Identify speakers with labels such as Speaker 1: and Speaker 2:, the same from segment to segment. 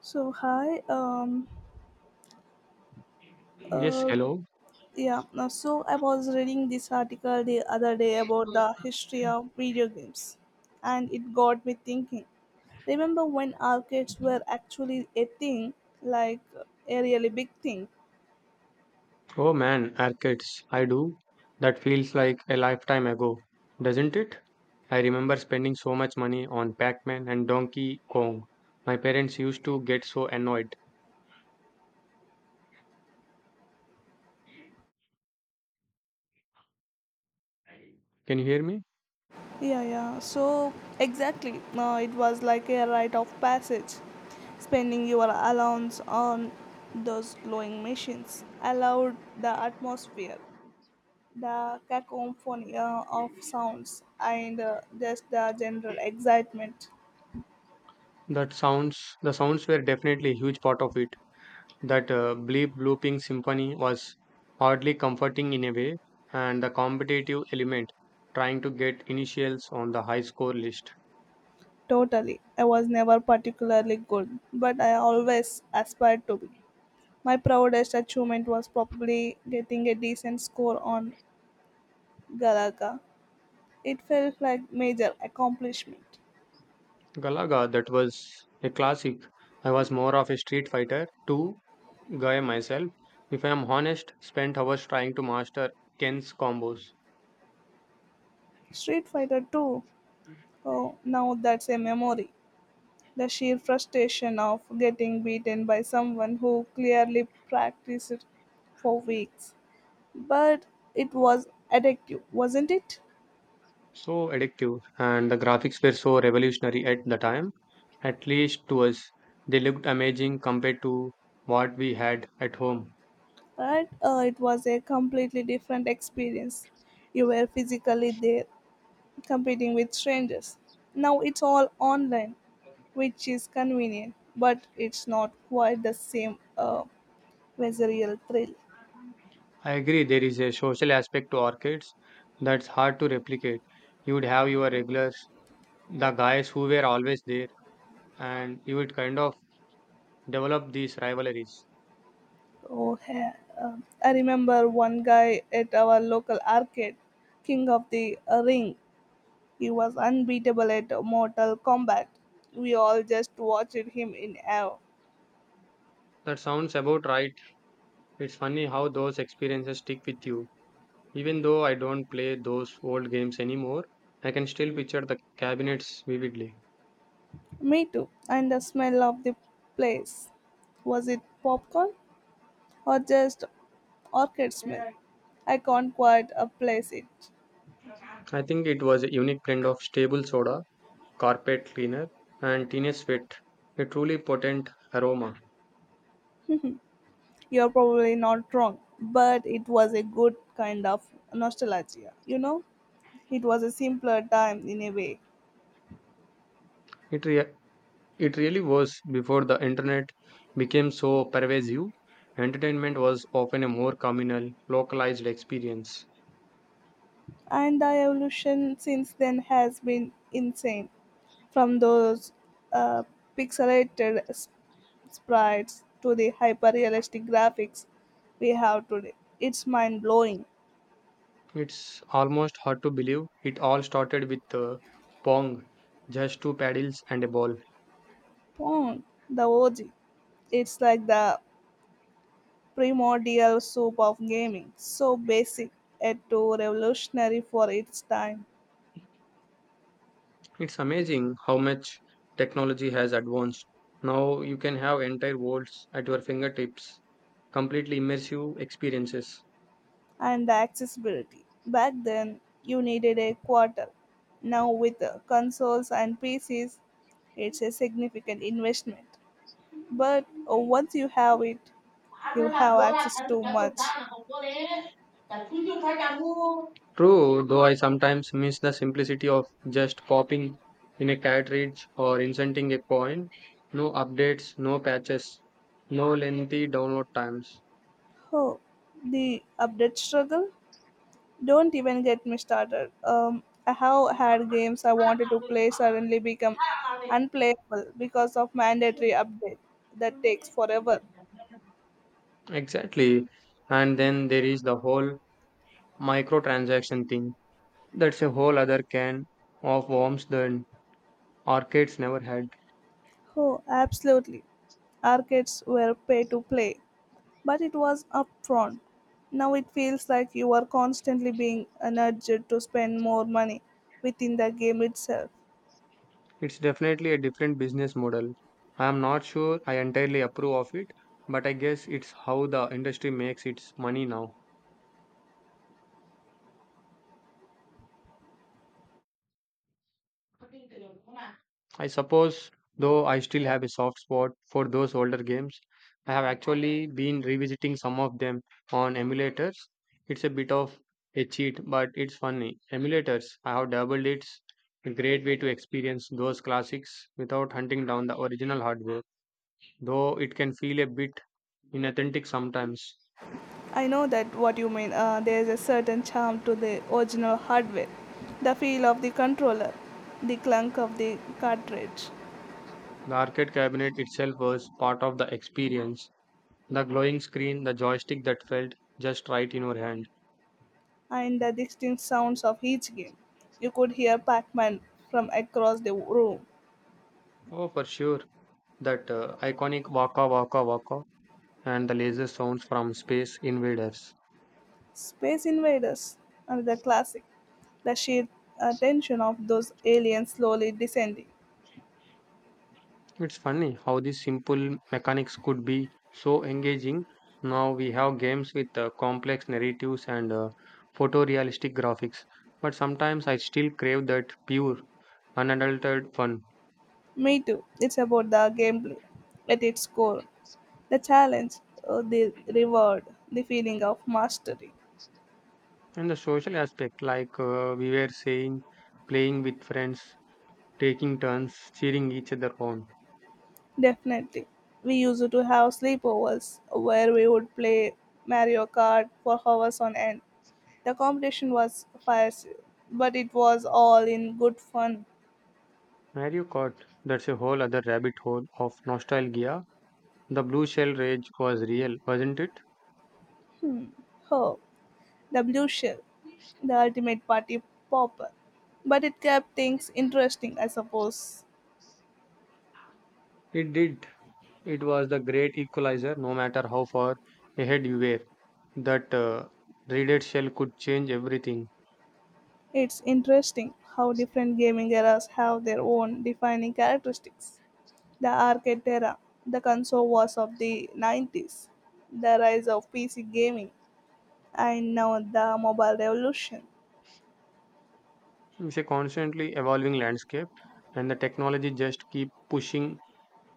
Speaker 1: So hi,
Speaker 2: Yes,
Speaker 1: uh,
Speaker 2: hello.
Speaker 1: yeah. So I was reading this article the other day about the history of video games, and it got me thinking. Remember when arcades were actually a thing, like a really big thing?
Speaker 2: Oh man, arcades. I do. That feels like a lifetime ago, doesn't it? I remember spending so much money on Pac-Man and Donkey Kong. My parents used to get so annoyed. Can you hear me?
Speaker 1: Yeah, yeah. Exactly, it was like a rite of passage, spending your allowance on those glowing machines allowed the atmosphere the cacophony of sounds and just the general excitement.
Speaker 2: That sounds, the sounds were definitely a huge part of it. That bleep blooping symphony was oddly comforting in a way, and the competitive element, trying to get initials on the high score list.
Speaker 1: Totally. I was never particularly good, but I always aspired to be. My proudest achievement was probably getting a decent score on Galaga. It felt like major accomplishment.
Speaker 2: Galaga, that was a classic. I was more of a Street Fighter 2 guy myself. If I am honest, spent hours trying to master Ken's combos.
Speaker 1: Street Fighter 2. Oh, now that's a memory. The sheer frustration of getting beaten by someone who clearly practiced for weeks, but it was addictive, wasn't it?
Speaker 2: So addictive, and the graphics were so revolutionary at the time, at least to us. They looked amazing compared to what we had at home.
Speaker 1: Right? It was a completely different experience. You were physically there, competing with strangers. Now it's all online, which is convenient, but it's not quite the same visceral thrill.
Speaker 2: I agree, there is a social aspect to arcades that's hard to replicate. You would have your regulars, the guys who were always there, and you would kind of develop these rivalries.
Speaker 1: Oh, yeah. I remember one guy at our local arcade, King of the Ring. He was unbeatable at Mortal Kombat. We all just watched him in awe.
Speaker 2: That sounds about right. It's funny how those experiences stick with you. Even though I don't play those old games anymore, I can still picture the cabinets vividly.
Speaker 1: Me too. And the smell of the place. Was it popcorn or just orchid smell? I can't quite place it.
Speaker 2: I think it was a unique blend of stable soda, carpet cleaner, and teenage sweat, a truly potent aroma.
Speaker 1: You're probably not wrong, but it was a good kind of nostalgia. You know, it was a simpler time in a way.
Speaker 2: It, rea- it really was before the internet became so pervasive. Entertainment was often a more communal, localized experience.
Speaker 1: And the evolution since then has been insane from those uh, pixelated s- sprites to the hyper realistic graphics we have today. It's mind blowing.
Speaker 2: It's almost hard to believe it all started with Pong, just two paddles and a ball.
Speaker 1: Pong, the OG. It's like the primordial soup of gaming, so basic yet too revolutionary for its time.
Speaker 2: It's amazing how much technology has advanced. Now you can have entire worlds at your fingertips, completely immersive experiences.
Speaker 1: And the accessibility. Back then, you needed a quarter. Now, with consoles and PCs, it's a significant investment. But once you have it, you have access to much.
Speaker 2: True, though I sometimes miss the simplicity of just popping in a cartridge or inserting a coin. No updates, no patches, no lengthy download times.
Speaker 1: Oh, the update struggle? Don't even get me started. I have had games I wanted to play suddenly become unplayable because of mandatory update that takes forever.
Speaker 2: Exactly. And then there is the whole microtransaction thing. That's a whole other can of worms than arcades never had.
Speaker 1: Oh, absolutely. Arcades were pay to play, but it was upfront. Now it feels like you are constantly being nudged to spend more money within the game itself.
Speaker 2: It's definitely a different business model. I am not sure I entirely approve of it, but I guess it's how the industry makes its money now. I suppose, though I still have a soft spot for those older games, I have actually been revisiting some of them on emulators. It's a bit of a cheat, but it's funny. Emulators, I have doubled it's a great way to experience those classics without hunting down the original hardware, though it can feel a bit inauthentic sometimes.
Speaker 1: I know that what you mean. There's a certain charm to the original hardware, the feel of the controller, the clunk of the cartridge,
Speaker 2: The arcade cabinet itself was part of the experience. The glowing screen, the joystick that felt just right in your hand.
Speaker 1: and the distinct sounds of each game. You could hear Pac-Man from across the room.
Speaker 2: Oh, for sure. That iconic waka waka waka and the laser sounds from space invaders.
Speaker 1: Space Invaders, another classic. The sheer tension of those aliens slowly descending.
Speaker 2: It's funny how these simple mechanics could be so engaging. Now we have games with complex narratives and photorealistic graphics, but sometimes I still crave that pure, unadulterated fun.
Speaker 1: Me too. It's about the gameplay at its core. The challenge, the reward, the feeling of mastery.
Speaker 2: And the social aspect, like we were saying, playing with friends, taking turns, cheering each other on.
Speaker 1: Definitely. We used to have sleepovers where we would play Mario Kart for hours on end. The competition was fierce, but it was all in good fun.
Speaker 2: Mario Kart, that's a whole other rabbit hole of nostalgia. The blue shell rage was real, wasn't it?
Speaker 1: Oh, the blue shell, the ultimate party popper. But it kept things interesting, I suppose.
Speaker 2: It did. It was the great equalizer, no matter how far ahead you were. That raided shell could change everything.
Speaker 1: It's interesting how different gaming eras have their own defining characteristics. The arcade era, the console wars of the 90s, the rise of PC gaming, and now the mobile revolution.
Speaker 2: It's a constantly evolving landscape, and the technology just keep pushing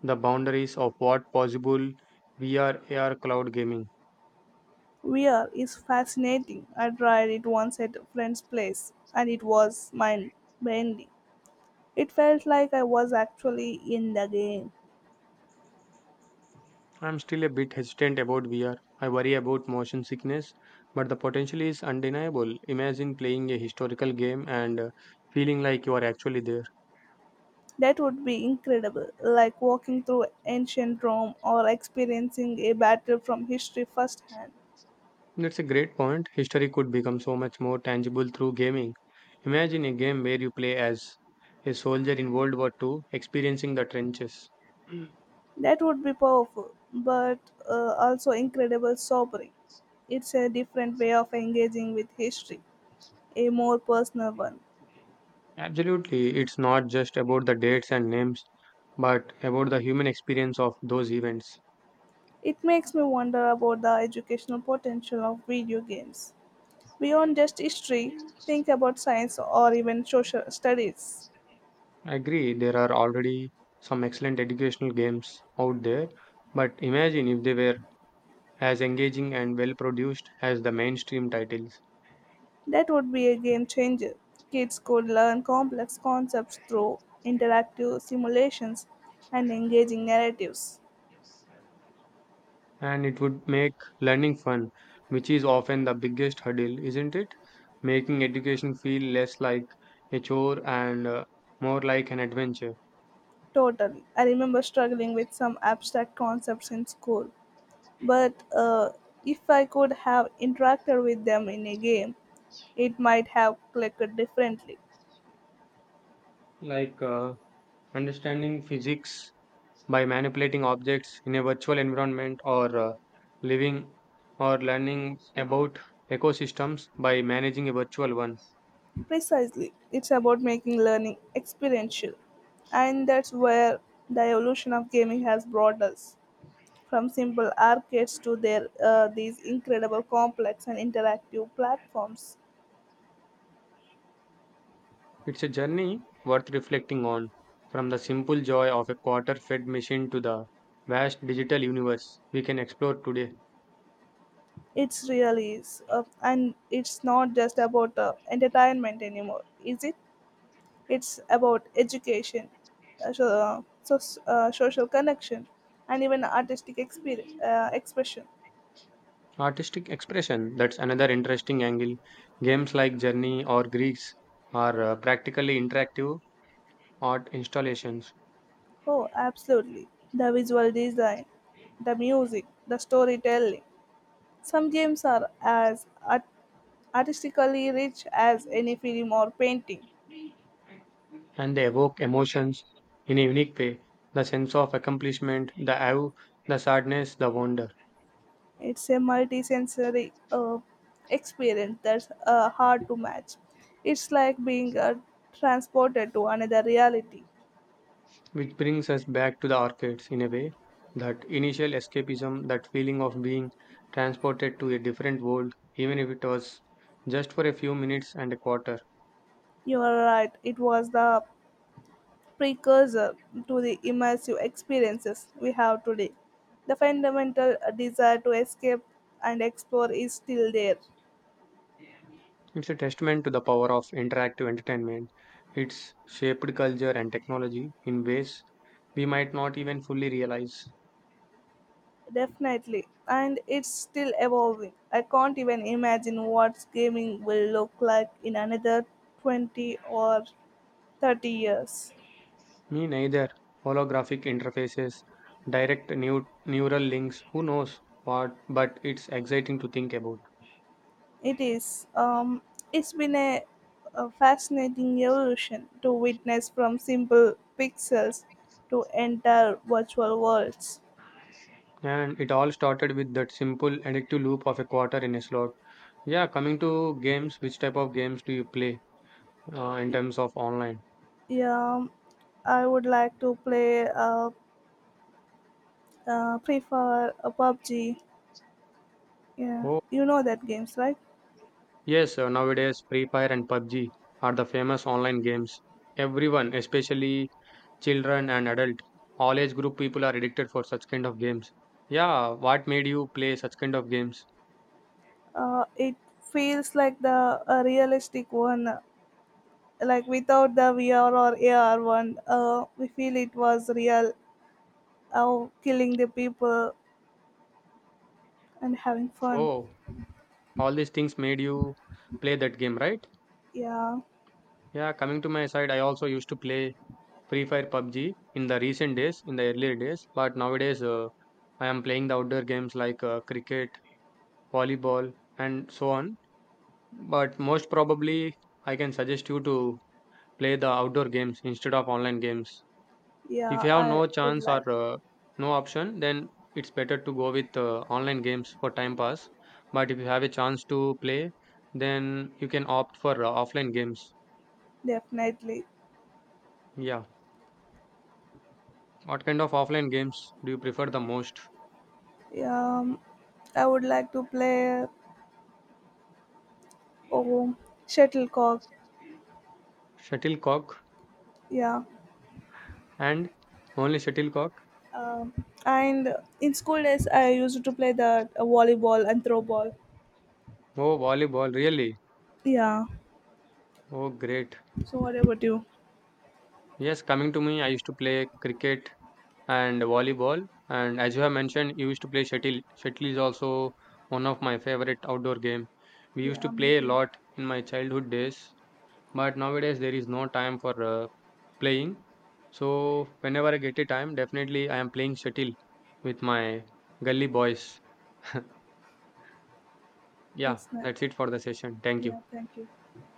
Speaker 2: the boundaries of what possible VR, AR, cloud gaming.
Speaker 1: VR is fascinating. I tried it once at a friend's place and it was mind bending. It felt like I was actually in the game.
Speaker 2: I'm still a bit hesitant about VR. I worry about motion sickness, but the potential is undeniable. Imagine playing a historical game and, feeling like you are actually there.
Speaker 1: That would be incredible, like walking through ancient Rome or experiencing a battle from history firsthand.
Speaker 2: That's a great point. History could become so much more tangible through gaming. Imagine a game where you play as a soldier in World War II experiencing the trenches.
Speaker 1: That would be powerful, but also incredibly sobering. It's a different way of engaging with history, a more personal one.
Speaker 2: Absolutely, it's not just about the dates and names, but about the human experience of those events.
Speaker 1: It makes me wonder about the educational potential of video games. Beyond just history, think about science or even social studies.
Speaker 2: I agree, there are already some excellent educational games out there, but imagine if they were as engaging and well produced as the mainstream titles.
Speaker 1: That would be a game changer. Kids could learn complex concepts through interactive simulations and engaging narratives.
Speaker 2: And it would make learning fun, which is often the biggest hurdle, isn't it? Making education feel less like a chore and more like an adventure,
Speaker 1: Totally. I remember struggling with some abstract concepts in school, but if I could have interacted with them in a game, it might have clicked differently.
Speaker 2: like understanding physics by manipulating objects in a virtual environment or living or learning about ecosystems by managing a virtual one.
Speaker 1: Precisely, it's about making learning experiential, and that's where the evolution of gaming has brought us from simple arcades to their these incredible complex and interactive platforms.
Speaker 2: It's a journey worth reflecting on, from the simple joy of a quarter fed machine to the vast digital universe we can explore today.
Speaker 1: It really is, and it's not just about entertainment anymore, is it? It's about education, social connection, and even artistic expression.
Speaker 2: Artistic expression, that's another interesting angle. Games like Journey or Greeks are practically interactive art installations,
Speaker 1: Oh, absolutely. The visual design, the music, the storytelling. Some games are as artistically rich as any film or painting.
Speaker 2: and they evoke emotions in a unique way, the sense of accomplishment, the awe, the sadness, the wonder,
Speaker 1: It's a multi-sensory experience that's hard to match. It's like being transported to another reality.
Speaker 2: which brings us back to the arcades in a way. That initial escapism, that feeling of being transported to a different world, even if it was just for a few minutes and a quarter.
Speaker 1: You are right. It was the precursor to the immersive experiences we have today. The fundamental desire to escape and explore is still there,
Speaker 2: It's a testament to the power of interactive entertainment. It's shaped culture and technology in ways we might not even fully realize.
Speaker 1: definitely, and it's still evolving. I can't even imagine what gaming will look like in another 20 or 30 years.
Speaker 2: Me neither. Holographic interfaces, direct neural links, who knows what, but it's exciting to think about.
Speaker 1: It is. It's been a fascinating evolution to witness from simple pixels to entire virtual worlds.
Speaker 2: And it all started with that simple addictive loop of a quarter in a slot. Yeah, coming to games, which type of games do you play in terms of online?
Speaker 1: Yeah, I would like to play. Prefer a PUBG. Yeah,
Speaker 2: Oh,
Speaker 1: you know that games, right?
Speaker 2: yes, nowadays Free Fire and PUBG are the famous online games. Everyone, especially children and adult, all age group people are addicted for such kind of games. Yeah, what made you play such kind of games?
Speaker 1: It feels like the a realistic one, like without the VR or AR one. We feel it was real. Oh, killing the people and having fun.
Speaker 2: Oh, all these things made you play that game, right?
Speaker 1: Yeah,
Speaker 2: Yeah, coming to my side, I also used to play Free Fire PUBG in the recent days, in the earlier days, but nowadays I am playing the outdoor games like cricket, volleyball, and so on. But most probably, I can suggest you to play the outdoor games instead of online games. If
Speaker 1: yeah,
Speaker 2: you have
Speaker 1: I
Speaker 2: no
Speaker 1: would
Speaker 2: chance
Speaker 1: like
Speaker 2: or no option, then it's better to go with online games for time pass. But if you have a chance to play, then you can opt for offline games.
Speaker 1: definitely.
Speaker 2: Yeah. What kind of offline games do you prefer the most?
Speaker 1: Yeah, I would like to play. Oh, shuttlecock.
Speaker 2: Shuttlecock
Speaker 1: Yeah.
Speaker 2: and only shuttlecock?
Speaker 1: Um, and in school days, I used to play the volleyball and throw ball.
Speaker 2: Oh, volleyball, really?
Speaker 1: Yeah.
Speaker 2: Oh, great.
Speaker 1: So what about you?
Speaker 2: Yes, coming to me, I used to play cricket and volleyball. And as you have mentioned, you used to play shuttle. Shuttle is also one of my favorite outdoor game. We used
Speaker 1: Yeah,
Speaker 2: to
Speaker 1: me
Speaker 2: play a
Speaker 1: too.
Speaker 2: lot in my childhood days, but nowadays there is no time for playing. So whenever I get a time, definitely I am playing shuttle with my gully boys. Yeah,
Speaker 1: It's nice.
Speaker 2: that's it for the session. Thank you.
Speaker 1: Yeah, thank you.